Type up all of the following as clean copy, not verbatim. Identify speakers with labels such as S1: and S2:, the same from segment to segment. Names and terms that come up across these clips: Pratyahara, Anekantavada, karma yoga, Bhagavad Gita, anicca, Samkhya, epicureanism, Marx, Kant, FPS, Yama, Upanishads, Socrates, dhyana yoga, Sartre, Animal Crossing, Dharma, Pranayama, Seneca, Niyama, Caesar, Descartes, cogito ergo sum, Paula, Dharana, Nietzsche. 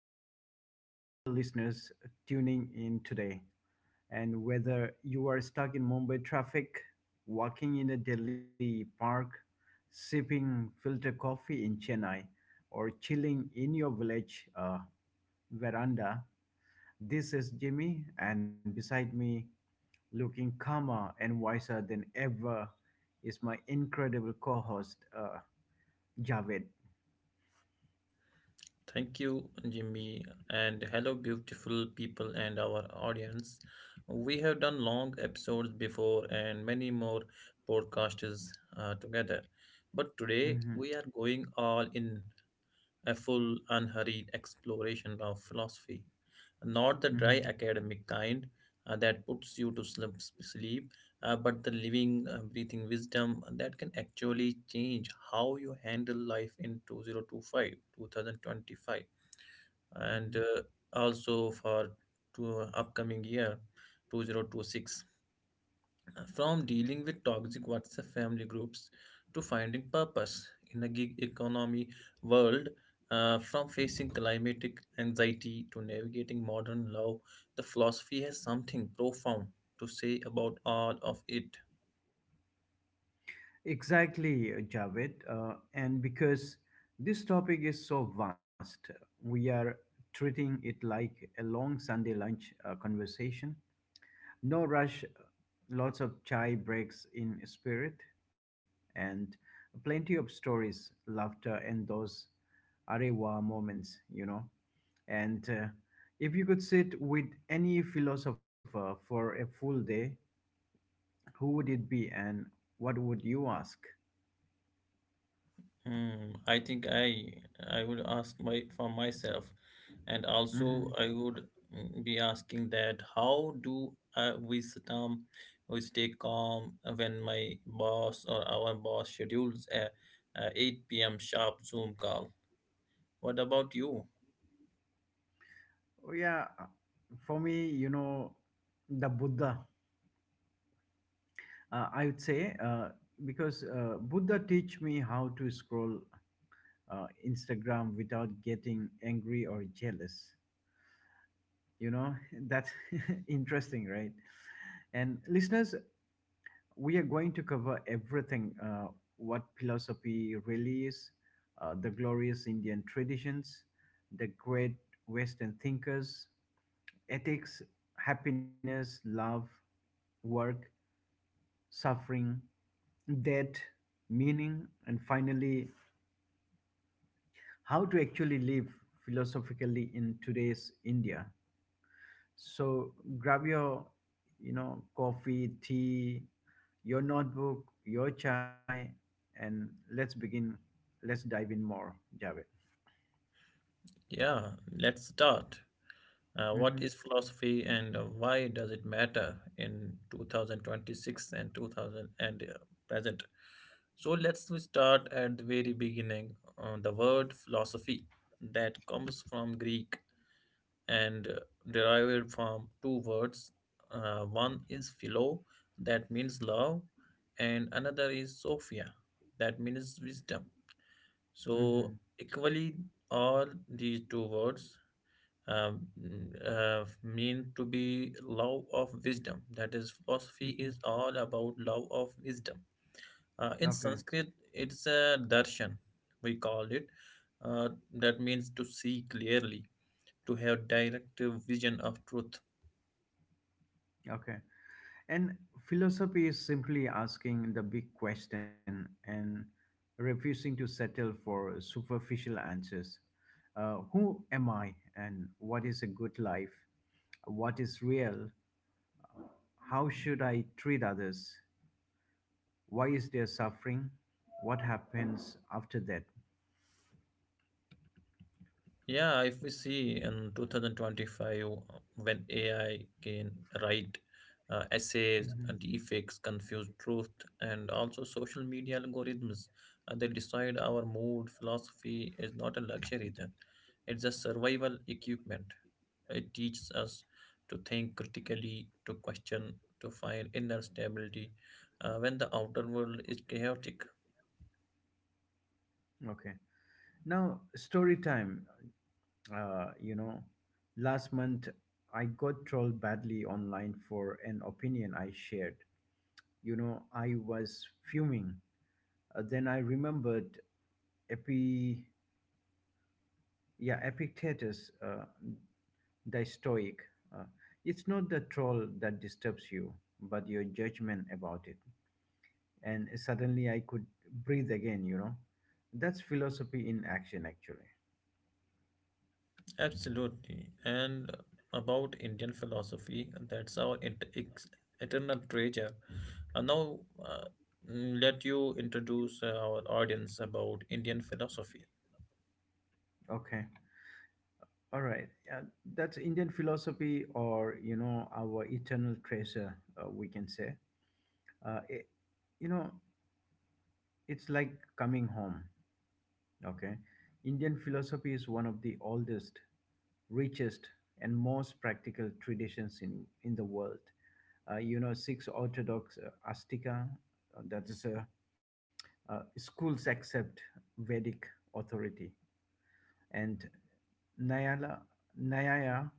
S1: the very single listeners tuning in today. And whether you are stuck in Mumbai traffic, walking in a Delhi park, sipping filter coffee in Chennai, or chilling in your village veranda, this is Jimmy, and beside me, looking calmer and wiser than ever, is my incredible co host, Javed.
S2: Thank you, Jimmy, and hello, beautiful people and our audience. We have done long episodes before and many more podcasts together, but today
S1: Mhm,
S2: we are going all in, a full, unhurried exploration of philosophy, not the dry
S1: mhm.
S2: academic kind that puts you to sleep, but the living, breathing wisdom that can actually change how you handle life in 2025, and
S1: Mhm.
S2: also for to upcoming year 2026, from dealing with toxic whatsapp family groups to finding purpose in a gig economy world, from facing climatic anxiety to navigating modern love. The philosophy has something profound to say about all of it.
S1: Exactly, Javed. And because this topic is so vast, we are treating it like a long Sunday lunch conversation. No rush, lots of chai breaks in spirit, and plenty of stories, laughter, and those arewa moments, you know. And if you could sit with any philosopher for a full day, who would it be and what would you ask?
S2: Hmm, I think I would ask my for myself, and also
S1: Mhm.
S2: I would, be asking that how do I um we stay calm when my boss or our boss schedules a 8 p.m. sharp Zoom call. What about you?
S1: Oh, yeah, for me, you know, the Buddha, I would say, because Buddha teach me how to scroll Instagram without getting angry or jealous. You know, that's interesting, right? And listeners, we are going to cover everything what philosophy really is, the glorious Indian traditions, the great Western thinkers, ethics, happiness, love, work, suffering, death, meaning, and finally, how to actually live philosophically in today's India. So grab your, you know, coffee, tea, your notebook, your chai, and let's begin. Let's dive in more, Javed.
S2: Yeah, let's start. What
S1: Mm-hmm.
S2: is philosophy and why does it matter in 2026 and 2000 and present? So let's we start at the very beginning. The word philosophy, that comes from Greek and derived from two words. One is philo, that means love, and another is sophia, that means wisdom.
S1: Mm-hmm.
S2: So equally, all these two words um, mean to be love of wisdom. That is, philosophy
S1: Mm-hmm.
S2: is all about love of wisdom. In
S1: Okay.
S2: Sanskrit, it's a darshan, we call it. That means to see clearly, to have direct vision of truth.
S1: Okay. And philosophy is simply asking the big question and refusing to settle for superficial answers. Who am I and what is a good life? What is real? How should I treat others? Why is there suffering? What happens after that?
S2: Yeah, if we see in 2025, when AI can write essays,
S1: Mhm.
S2: deepfakes, confuse truth, and also social media algorithms, they decide our mood. Philosophy is not a luxury then; it's a survival equipment. It teaches us to think critically, to question, to find inner stability when the outer world is chaotic.
S1: Okay. Now, story time. You know, last month I got trolled badly online for an opinion I shared. You know, I was fuming. Then I remembered epi yeah, Epictetus, the stoic. uh, it's not the troll that disturbs you but your judgment about it. And suddenly I could breathe again, you know, that's philosophy in action actually.
S2: Absolutely. And about Indian philosophy, that's our eternal treasure. Uh, now, uh, let you introduce our audience about Indian philosophy.
S1: Okay, all right. That's Indian philosophy, or you know, our eternal treasure, we can say. uh, it, you know, it's like coming home. Okay. Indian philosophy is one of the oldest, richest, and most practical traditions in the world. You know, six Orthodox Astika, uh, that is, uh, schools accept Vedic authority, and Nyaya, Nyaya,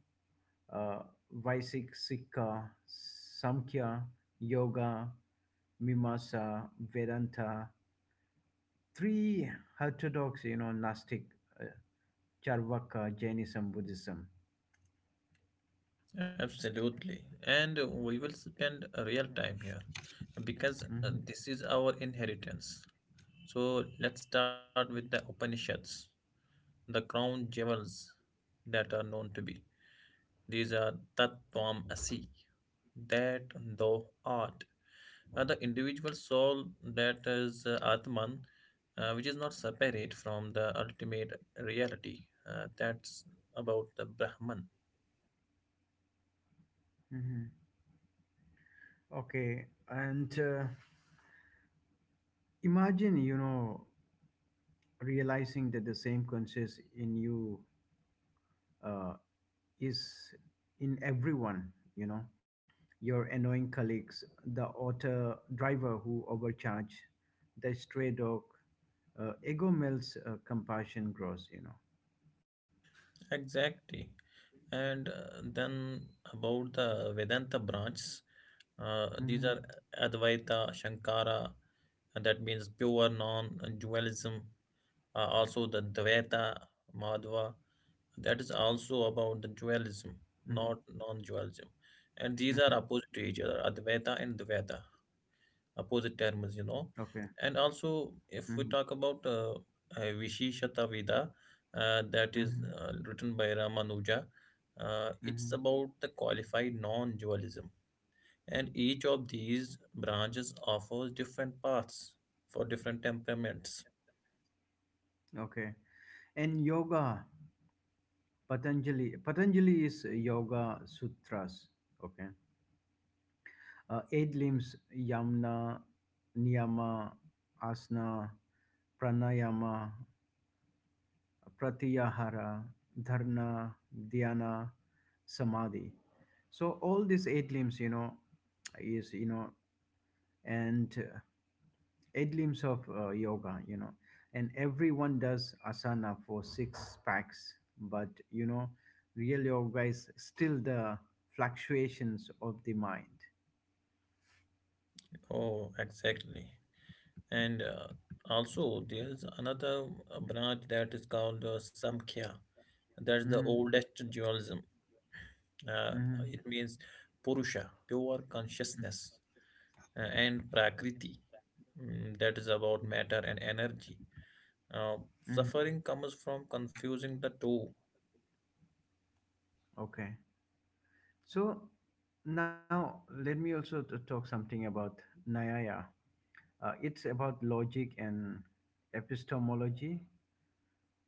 S1: uh, Vaisik Sikha, Samkhya, Yoga, Mimasa, Vedanta, three orthodox, you know, Gnostic, uh, Charvaka, Jainism, Buddhism.
S2: Absolutely. And we will spend a real time here because
S1: Hmm.
S2: this is our inheritance. So, let's start with the Upanishads, the crown jewels that are known to be. These are Tattvam Asi, that thou art. The individual soul, that is Atman, which is not separate from the ultimate reality. That's about the Brahman.
S1: Hmm. Okay, and imagine, you know, realizing that the same conscious in you uh, is in everyone, you know, your annoying colleagues, the auto driver who overcharged, the stray dog, ego melts, compassion grows, you know.
S2: Exactly. And then about the Vedanta branches, these
S1: Hmm.
S2: are Advaita, Shankara, and that means pure non dualism. Also, the Dvaita, Madhva, that is also about the
S1: Hmm.
S2: dualism, not non dualism.
S1: Hmm.
S2: And these are opposite to each other, Advaita and Dvaita, opposite terms, you know.
S1: Okay.
S2: And also, if we
S1: Hmm.
S2: talk about Visheshata Veda, that is
S1: Hmm.
S2: written by Ramanuja, it's
S1: Hmm.
S2: about the qualified non dualism. And each of these branches offers different paths for different temperaments.
S1: Okay. And yoga. Patanjali, Patanjali is Yoga Sutras. Okay. Eight limbs Yamna, Niyama, Asana, Pranayama, Pratyahara, dharana, Dhyana, Samadhi. So all these eight limbs, you know, is, you know, and glimpse of yoga, you know, and everyone does asana for six packs, but you know, real yoga is still the fluctuations of the mind.
S2: Oh, exactly. And also, there's another branch that is called Samkhya. That's the
S1: Mm-hmm,
S2: oldest dualism. Uh,
S1: mm-hmm,
S2: it means Purusha, pure consciousness, and Prakriti. That is about matter and energy. Uh,
S1: mm-hmm.
S2: Suffering comes from confusing the two.
S1: Okay, so now let me also talk something about Nyaya. It's about logic and epistemology.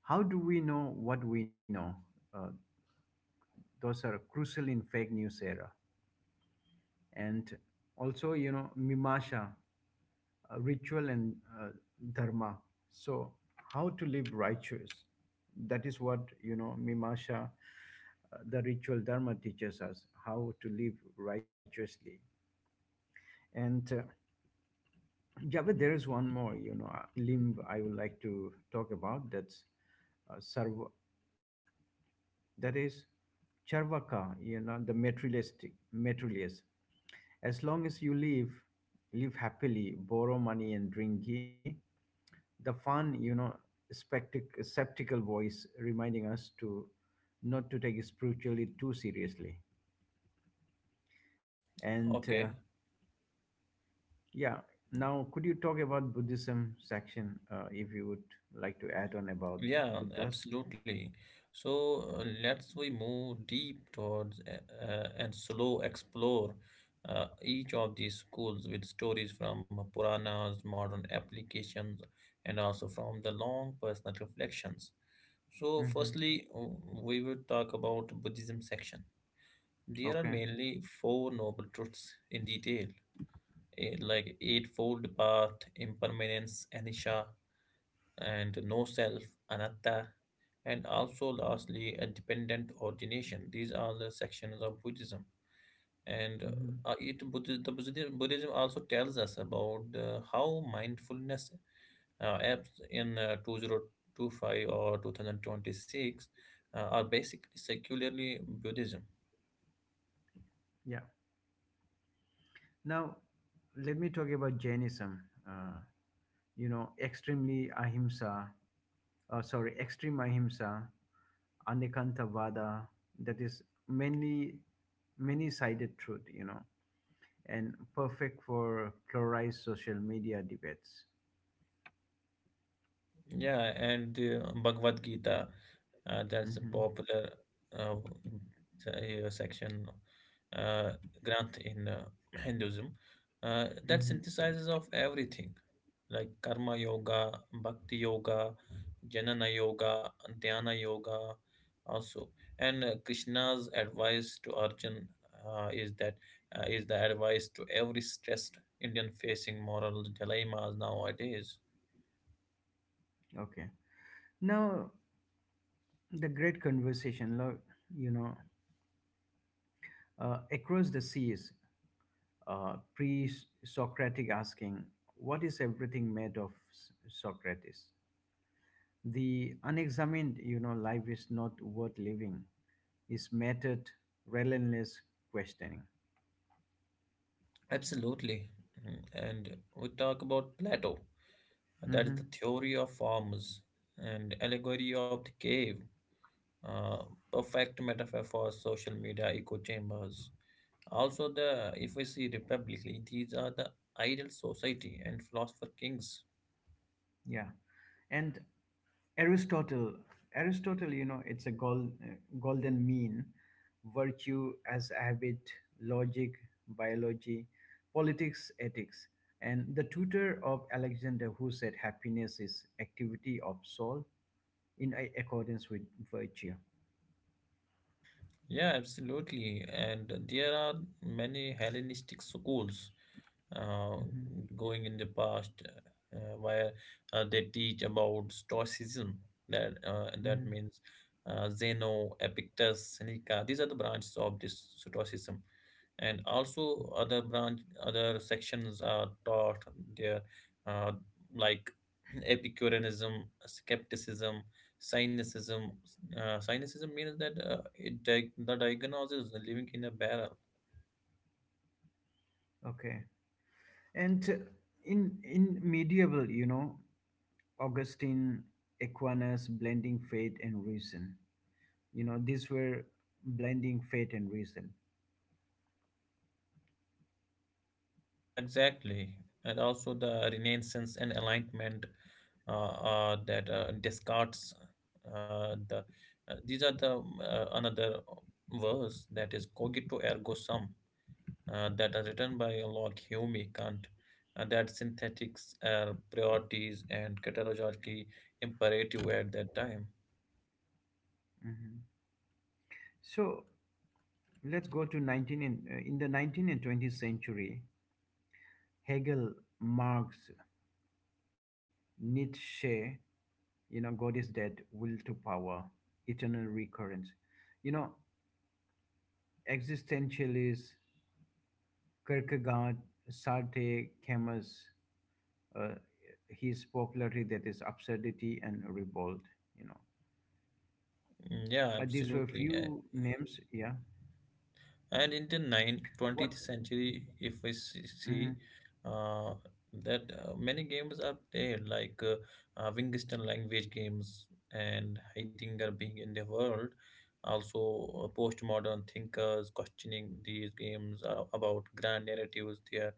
S1: How do we know what we know? Uh, those are crucial in fake news era. And also, you know, mimasha, ritual and dharma. So how to live righteous, that is what, you know, mimasha, the ritual dharma teaches us how to live righteously. And yeah, but there is one more, you know, limb I would like to talk about. That's sarva, that is Charvaka, you know, the materialistic, materialist. As long as you live, live happily, borrow money and drink ghee. The fun, you know, skeptical voice reminding us to not to take spiritually too seriously. And
S2: Okay,
S1: yeah, now could you talk about Buddhism section if you would like to add on about
S2: yeah,
S1: Buddhas?
S2: absolutely. So let's we move deep towards, and slow explore each of these schools with stories from Puranas, modern applications, and also from the long personal reflections. So
S1: Hmm.
S2: firstly, we will talk about Buddhism section. There are
S1: Okay.
S2: mainly four noble truths in detail, like eightfold path, impermanence, anicca, and no self, anatta, and also lastly a dependent origination. These are the sections of Buddhism, and
S1: Hmm.
S2: it Buddhi- the Buddhism Buddhism also tells us about how mindfulness apps in 2025 or 2026 are basically secularly Buddhism.
S1: Yeah. Now, let me talk about Jainism. Uh, you know, extremely ahimsa, sorry, extreme ahimsa, anekantavada. That is mainly many-sided truth. You know, and perfect for polarized social media debates.
S2: Yeah, and the Bhagavad Gita, that's a
S1: Mm-hmm.
S2: popular uh, section, uh, Granth in Hinduism, that
S1: Mm-hmm.
S2: synthesizes of everything like karma yoga, bhakti yoga, jnana yoga, dhyana yoga also. And Krishna's advice to Arjun uh, is that is the advice to every stressed Indian facing moral dilemmas nowadays.
S1: Okay. Now, the great conversation. Look, you know, across the seas, pre-Socratic asking, "What is everything made of, S- Socrates?" The unexamined, you know, life is not worth living. Is method, relentless questioning.
S2: Absolutely. Mhm. And we talk about Plato. That is the
S1: Hmm.
S2: theory of forms and allegory of the cave, uh, perfect metaphor for social media echo chambers. Also, the if we see republicly, these are the ideal society and philosopher kings.
S1: Yeah, and Aristotle, Aristotle, you know, it's a golden mean, virtue as habit, logic, biology, politics, ethics, and the tutor of Alexander, who said happiness is activity of soul accordance with virtue.
S2: Yeah, absolutely. And there are many Hellenistic schools uh,
S1: Hmm.
S2: going in the past where they teach about Stoicism. That
S1: Hmm.
S2: means Zeno, Epictetus, Seneca. These are the branches of this Stoicism, and also other branch, other sections are taught there, uh, like epicureanism, skepticism, cynicism. Cynicism means that, the diagnosis is living in a barrel.
S1: Okay. And in medieval, you know, Augustine, Aquinas, blending faith and reason. You know, these were blending faith and reason.
S2: Exactly. And also the Renaissance and Enlightenment. That Descartes, uh, the these are the, another verse that is cogito ergo sum, that are written by Locke, Hume, Kant, that synthetics are priorities and categorically imperative at that time.
S1: Mhm. So let's go to 19 and in the 19th and 20th century, Hegel, Marx, Nietzsche, you know, God is dead, will to power, eternal recurrence. You know, existentialists, Kierkegaard, Sartre, Camus, uh, his popularity, that is absurdity and revolt, you know.
S2: Mm, yeah,
S1: These were
S2: absolutely.
S1: few names, yeah.
S2: And in the 9th,
S1: What?
S2: 20th century, if we see
S1: Mhm.
S2: see, uh, that many games are there, like Wingstone language games and Heidegger being in the world. Also, postmodern thinkers questioning these games are about grand narratives there.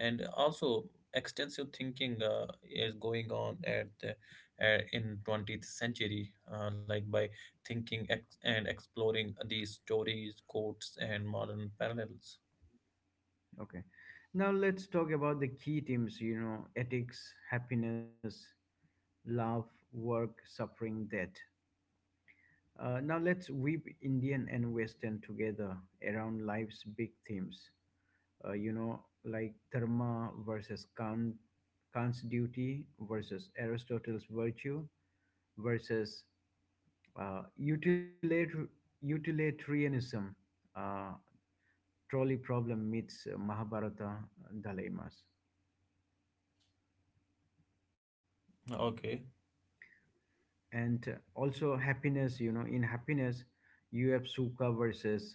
S2: And also, extensive thinking is going on at the, in 20th century, like by thinking and exploring these stories, quotes, and modern parallels.
S1: Okay, now let's talk about the key themes, you know, ethics, happiness, love, work, suffering, death. Now let's weave Indian and Western together around life's big themes. You know, like Dharma versus Kant, Kant's duty versus Aristotle's virtue versus Uh, utilit- utilitarianism, uh, trolley problem meets Mahabharata dilemmas.
S2: Okay.
S1: And also happiness, you know, in happiness, you have Sukha versus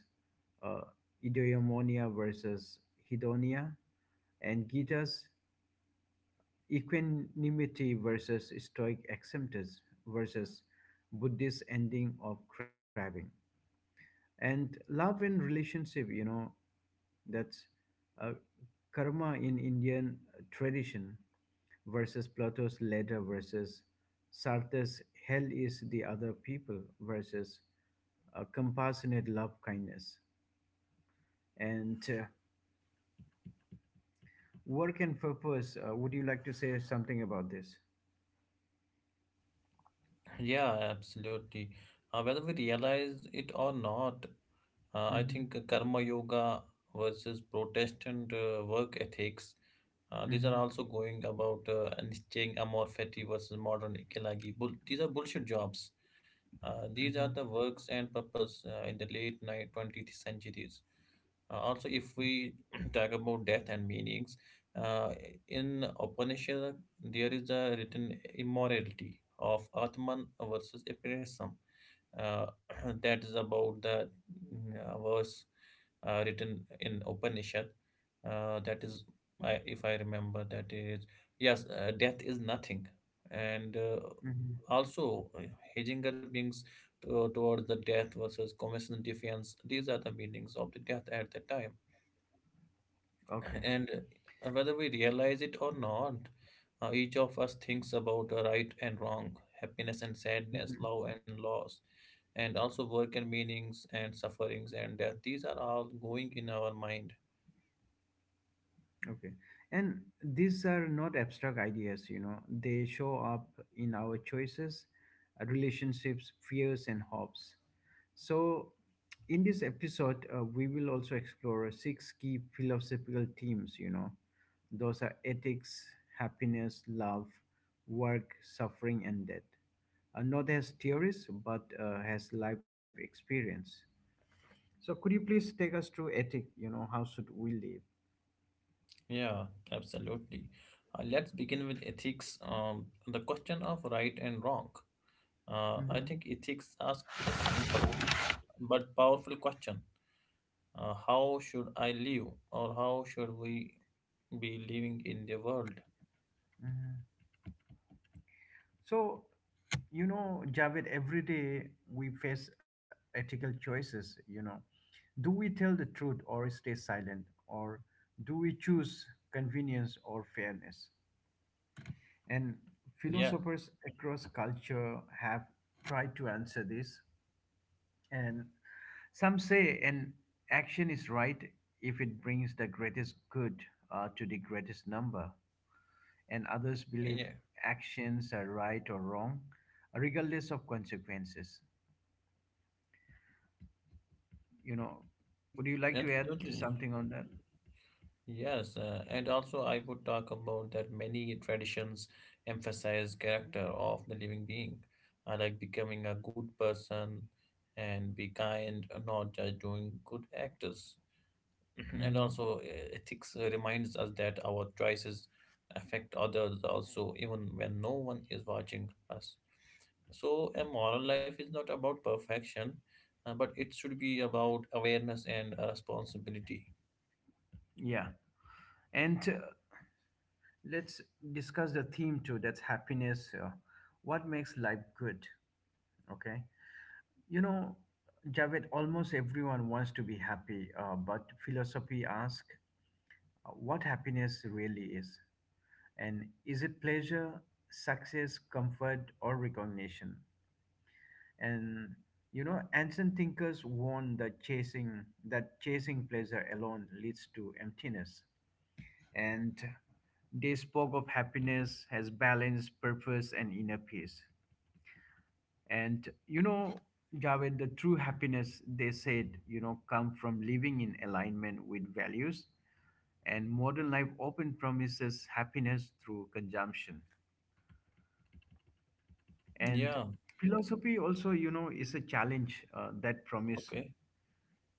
S1: uh, Eudaimonia versus Hedonia, and Gita's equanimity versus stoic acceptance versus Buddhist ending of craving. And love and relationship, you know, that's uh, karma in Indian tradition versus Plato's ladder versus Sartre's hell is the other people versus compassionate love kindness. And work and purpose. Would you like to say something about this?
S2: Yeah, absolutely. Whether we realize it or not, I
S1: Mm-hmm.
S2: think Karma Yoga versus Protestant work ethics, these are also
S1: Mm-hmm.
S2: going about and staying Amorfetti versus modern Ikelagi. These are bullshit jobs. These
S1: Mm-hmm.
S2: are the works and purpose in the late night 20th centuries. Also, if we talk about death and meanings, uh, in Upanishad, there is a written immorality of Atman versus Apirism, uh, that is about the, verse written in Upanishad. That is, I, if I remember, that is, yes, death is nothing, and
S1: Mm-hmm.
S2: also Heidegger brings towards the death versus commission defense. These are the meanings of the death at the time.
S1: Okay.
S2: And whether we realize it or not, each of us thinks about right and wrong, happiness and sadness, love and loss, and also work and meanings and sufferings and death. These are all going in our mind.
S1: Okay. And these are not abstract ideas, you know, they show up in our choices, relationships, fears, and hopes. So, in this episode, we will also explore six key philosophical themes, you know, those are ethics, happiness, love, work, suffering, and death. Not as theories, but as life experience. So, could you please take us through ethic? You know, how should we live?
S2: Yeah, absolutely. Let's begin with ethics. The question of right and wrong. I
S1: Mm-hmm.
S2: think ethics asks a simple but powerful question. How should I live, or how should we be living in the world?
S1: So, you know, Javed, every day we face ethical choices, you know. Do we tell the truth or stay silent? Or do we choose convenience or fairness? And
S2: Yeah,
S1: philosophers across culture have tried to answer this. And some say an action is right if it brings the greatest good to the greatest number, and others believe
S2: yeah,
S1: actions are right or wrong, regardless of consequences. You know,
S2: ab-
S1: would you like to add to
S2: absolutely.
S1: something on that?
S2: Yes, and also I would talk about that many traditions emphasize character of the living being, like becoming a good person and be kind, not just doing good actors. And
S1: Hmm.
S2: also, ethics reminds us that our choices affect others also, even when no one is watching us. So, a moral life is not about perfection, but it should be about awareness and responsibility.
S1: Yeah. And let's discuss the theme too, that's happiness. What makes life good? Okay. You know, Javed, almost everyone wants to be happy, but philosophy asks what happiness really is. And is it pleasure, success, comfort, or recognition? And you know, ancient thinkers warned that chasing pleasure alone leads to emptiness. And they spoke of happiness as balance, purpose, and inner peace. And you know, Javed, the true happiness, they said, you know, come from living in alignment with values. And modern life often promises happiness through consumption. And
S2: Yeah,
S1: philosophy also, you know, is a challenge that promise.
S2: okay.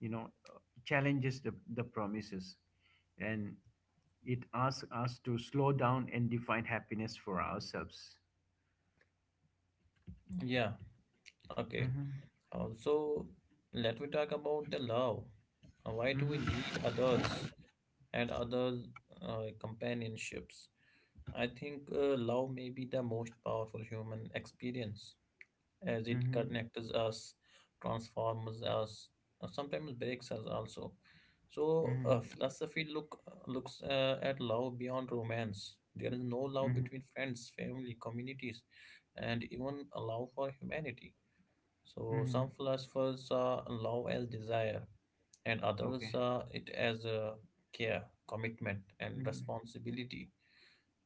S1: You know, challenges the promises, and it asks us to slow down and define happiness for ourselves.
S2: Yeah, okay.
S1: Mm-hmm,
S2: Also, let me talk about the love. Why do we need
S1: mm-hmm,
S2: others and other companionships? I think love may be the most powerful human experience, as it
S1: mm-hmm,
S2: connects us, transforms us, sometimes breaks us also. So,
S1: mm-hmm,
S2: philosophy look looks at love beyond romance. There is no love
S1: mm-hmm,
S2: between friends, family, communities, and even allow for humanity. So
S1: mm-hmm.
S2: some philosophers saw love as desire, and others
S1: Okay.
S2: saw it as care, commitment, and
S1: Mm-hmm,
S2: responsibility.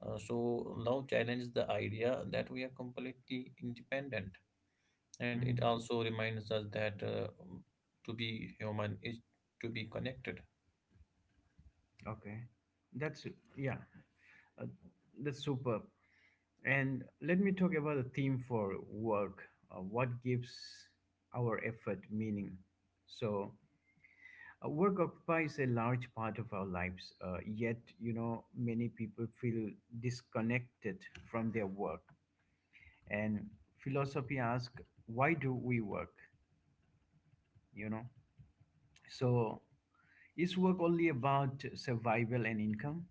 S2: So love challenges the idea that we are completely independent, and
S1: mm-hmm.
S2: it also reminds us that to be human is to be connected.
S1: Okay. That's, yeah, uh, that's superb. And let me talk about the theme for work. Uh, what gives our effort meaning? So, uh, work occupies a large part of our lives, yet, you know, many people feel disconnected from their work. And philosophy asks, why do we work? You know, so is work only about survival and income,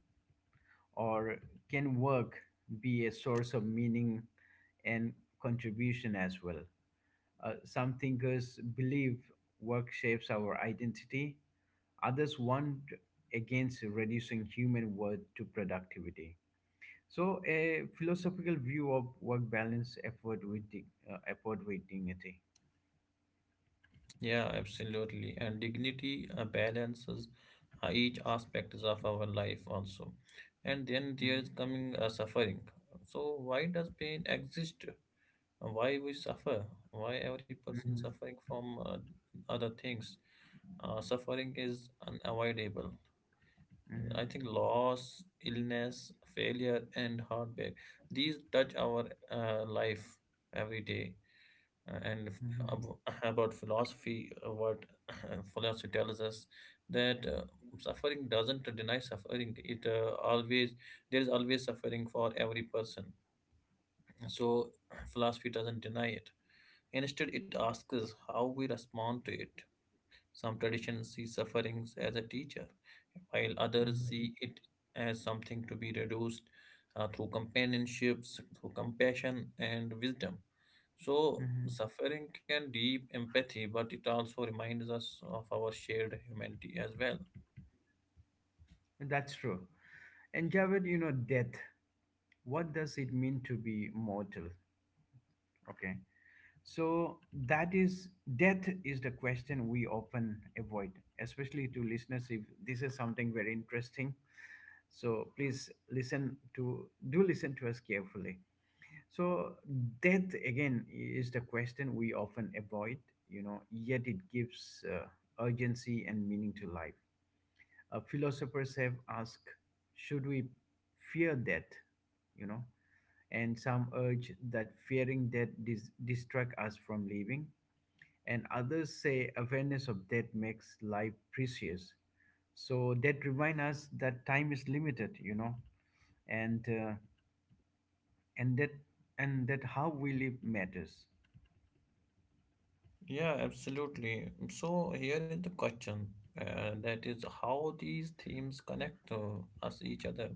S1: or can work be a source of meaning and contribution as well? Some thinkers believe work shapes our identity. Others warned against reducing human worth to productivity. So, a philosophical view of work balance, effort with dignity.
S2: Yeah, absolutely. And dignity balances each aspects of our life also. And then
S1: Mhm,
S2: there's coming suffering. So why does pain exist? Why we suffer? Why every person
S1: mhm,
S2: suffering from other things? Suffering is unavoidable. I
S1: mhm,
S2: think loss, illness, failure, and heartbreak, these touch our life every day, and if,
S1: mhm,
S2: ab- about philosophy, what philosophy tells us that suffering doesn't deny suffering. It always There is always suffering for every person. So philosophy doesn't deny it. Instead, it asks us how we respond to it. Some traditions see sufferings as a teacher, while others
S1: mhm,
S2: see it as something to be reduced through companionships, through compassion and wisdom. So,
S1: mhm.
S2: suffering can deep empathy, but it also reminds us of our shared humanity as well.
S1: And that's true. And Javed, you know, death. What does it mean to be mortal? Okay. So that is, death is the question we often avoid, especially to listeners, if this is something very interesting, so please listen to, do listen to us carefully. So death again is the question we often avoid, you know, yet it gives urgency and meaning to life. Uh, philosophers have asked, should we fear death, you know? And some urge that fearing death distract us from living, and others say awareness of death makes life precious. So that reminds us that time is limited, you know, and and that and that how we live matters.
S2: Yeah, absolutely. So, here is the question, that is, how these themes connect us each other,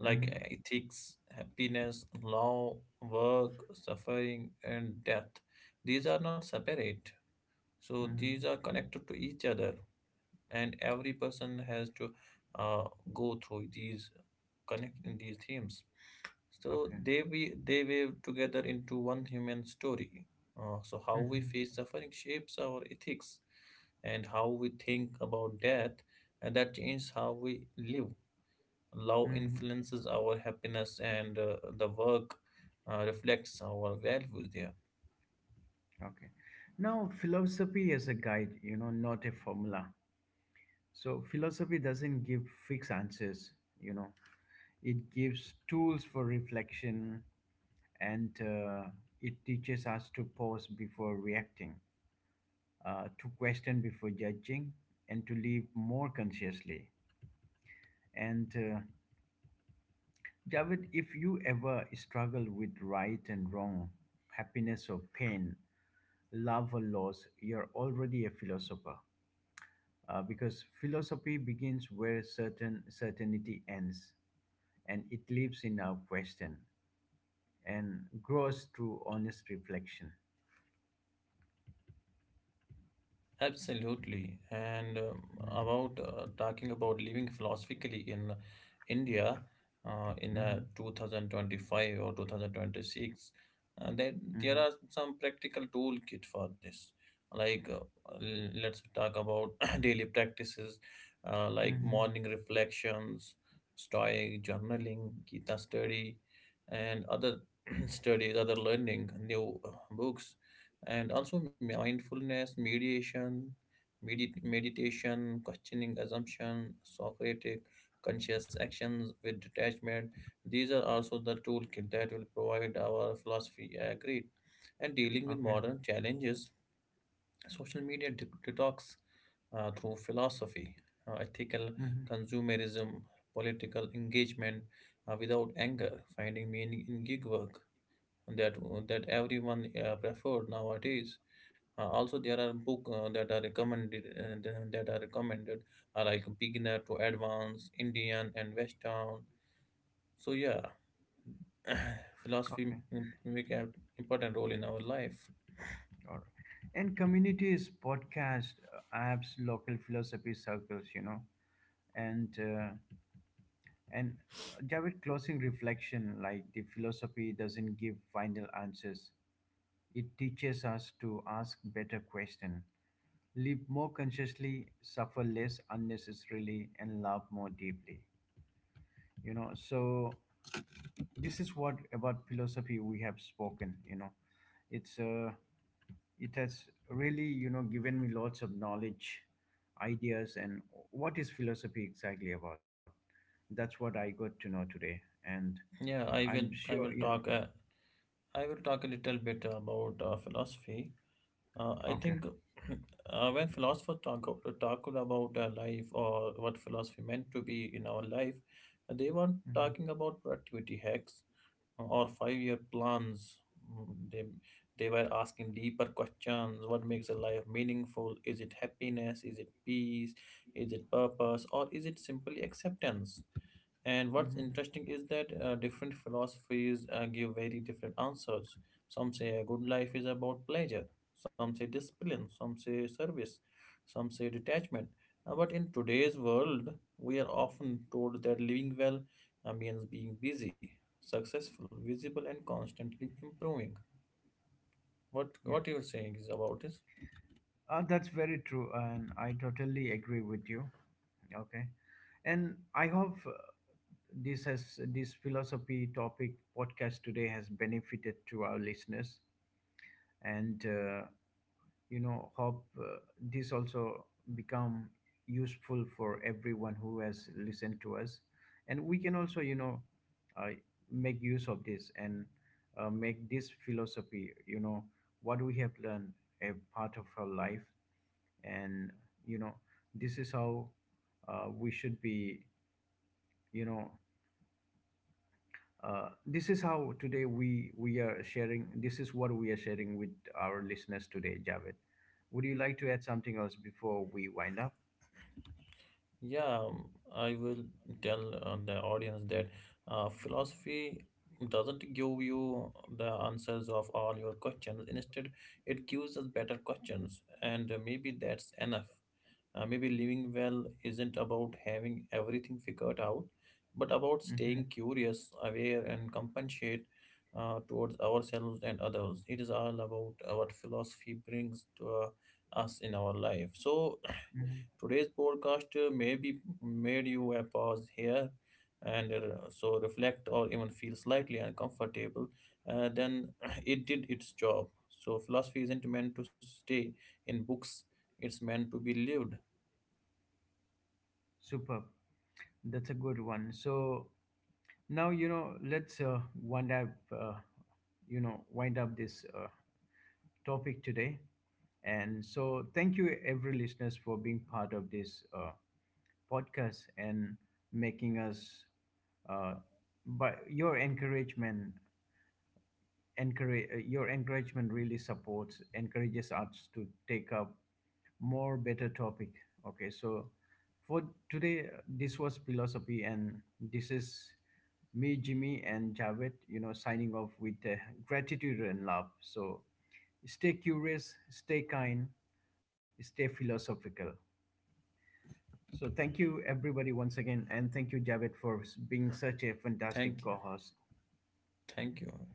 S2: like
S1: Mm-hmm.
S2: ethics, happiness, law, work, suffering, and death. These are not separate, so
S1: Mm-hmm.
S2: these are connected to each other, and every person has to uh, go through these, connect in these themes. So
S1: Okay.
S2: they weave together into one human story. So how we
S1: Mm-hmm.
S2: face suffering shapes our ethics, and how we think about death, and that changes how we live. Love
S1: Mm-hmm.
S2: influences our happiness, and the work reflects our values there.
S1: Okay. Now philosophy is a guide, you know, not a formula. So philosophy doesn't give fixed answers, you know. It gives tools for reflection, and it teaches us to pause before reacting, to question before judging, and to live more consciously. And uh, Javed, if you ever struggle with right and wrong, happiness or pain, love or loss, you're already a philosopher. Because philosophy begins where certainty ends, and it lives in our question and grows through honest reflection.
S2: Absolutely. And about talking about living philosophically in India in
S1: Hmm.
S2: 2025 or 2026, then there
S1: Hmm.
S2: are some practical toolkit for this. Like, let's talk about daily practices like
S1: Hmm.
S2: morning reflections, stoic journaling, Gita study, and other studies, other learning, new books, and also mindfulness, mediation, meditation, questioning assumption, Socratic, conscious actions with detachment. These are also the toolkit that will provide our philosophy. I agreed. And dealing with
S1: Okay.
S2: modern challenges, social media detox through philosophy, ethical
S1: Hmm.
S2: consumerism, political engagement without anger, finding meaning in gig work, that that everyone preferred nowadays. Also, there are book that are recommended are like beginner to advanced, Indian and Western. So yeah, philosophy
S1: Okay.
S2: make an important role in our life.
S1: All right. And communities, podcast, apps, local philosophy circles, you know, and and Javed, closing reflection, like the philosophy doesn't give final answers. It teaches us to ask better questions, live more consciously, suffer less unnecessarily, and love more deeply. You know, so this is what about philosophy we have spoken. You know, it's it has really, you know, given me lots of knowledge, ideas, and what is philosophy exactly about, that's what I got to know today. And
S2: Yeah,
S1: I'm sure, you know,
S2: I will talk a little bit about philosophy. I
S1: okay.
S2: think when philosophers talk about life or what philosophy meant to be in our life, they were talking
S1: Hmm.
S2: about productivity hacks or 5 year plans. Mm, They, they were asking deeper questions: what makes a life meaningful? Is it happiness? Is it peace? Is it purpose? Or is it simply acceptance? And what's
S1: Hmm.
S2: interesting is that different philosophies give very different answers. Some say a good life is about pleasure, some say discipline, some say service, some say detachment. But in today's world, we are often told that living well means being busy, successful, visible, and constantly improving.
S1: Yeah,
S2: What you're saying is about this?
S1: that's very true, and I totally agree with you. Okay. And I hope, this has, this philosophy topic podcast today has benefited to our listeners. And you know, hope this also become useful for everyone who has listened to us. And we can also, you know, uh, make use of this and make this philosophy, you know, what we have learned, a part of our life. And you know, this is how we should be, you know, this is how today we are sharing. This is what we are sharing with our listeners today, Javed. Would you like to add something else before we wind up?
S2: Yeah, I will tell the audience that philosophy doesn't give you the answers of all your questions. Instead, it gives us better questions, and maybe that's enough. Maybe living well isn't about having everything figured out, but about staying
S1: Hmm.
S2: curious, aware, and compassionate towards ourselves and others. It is all about what philosophy brings to us in our life. So,
S1: Hmm.
S2: today's podcast maybe made you a pause here and so reflect or even feel slightly uncomfortable, then it did its job. So, philosophy isn't meant to stay in books, it's meant to be lived.
S1: Superb. That's a good one. So now you know, let's wind up. You know, wind up this topic today. And so, thank you, every listeners, for being part of this podcast and making us uh, by your encouragement, encourage your encouragement really supports encourages us to take up more better topic. Okay, so for today, this was philosophy, and this is me, Jimmy, and Javed, you know, signing off with gratitude and love. So stay curious, stay kind, stay philosophical. So thank you, everybody, once again, and thank you, Javed, for being such a fantastic
S2: Thank you.
S1: co-host.
S2: Thank you.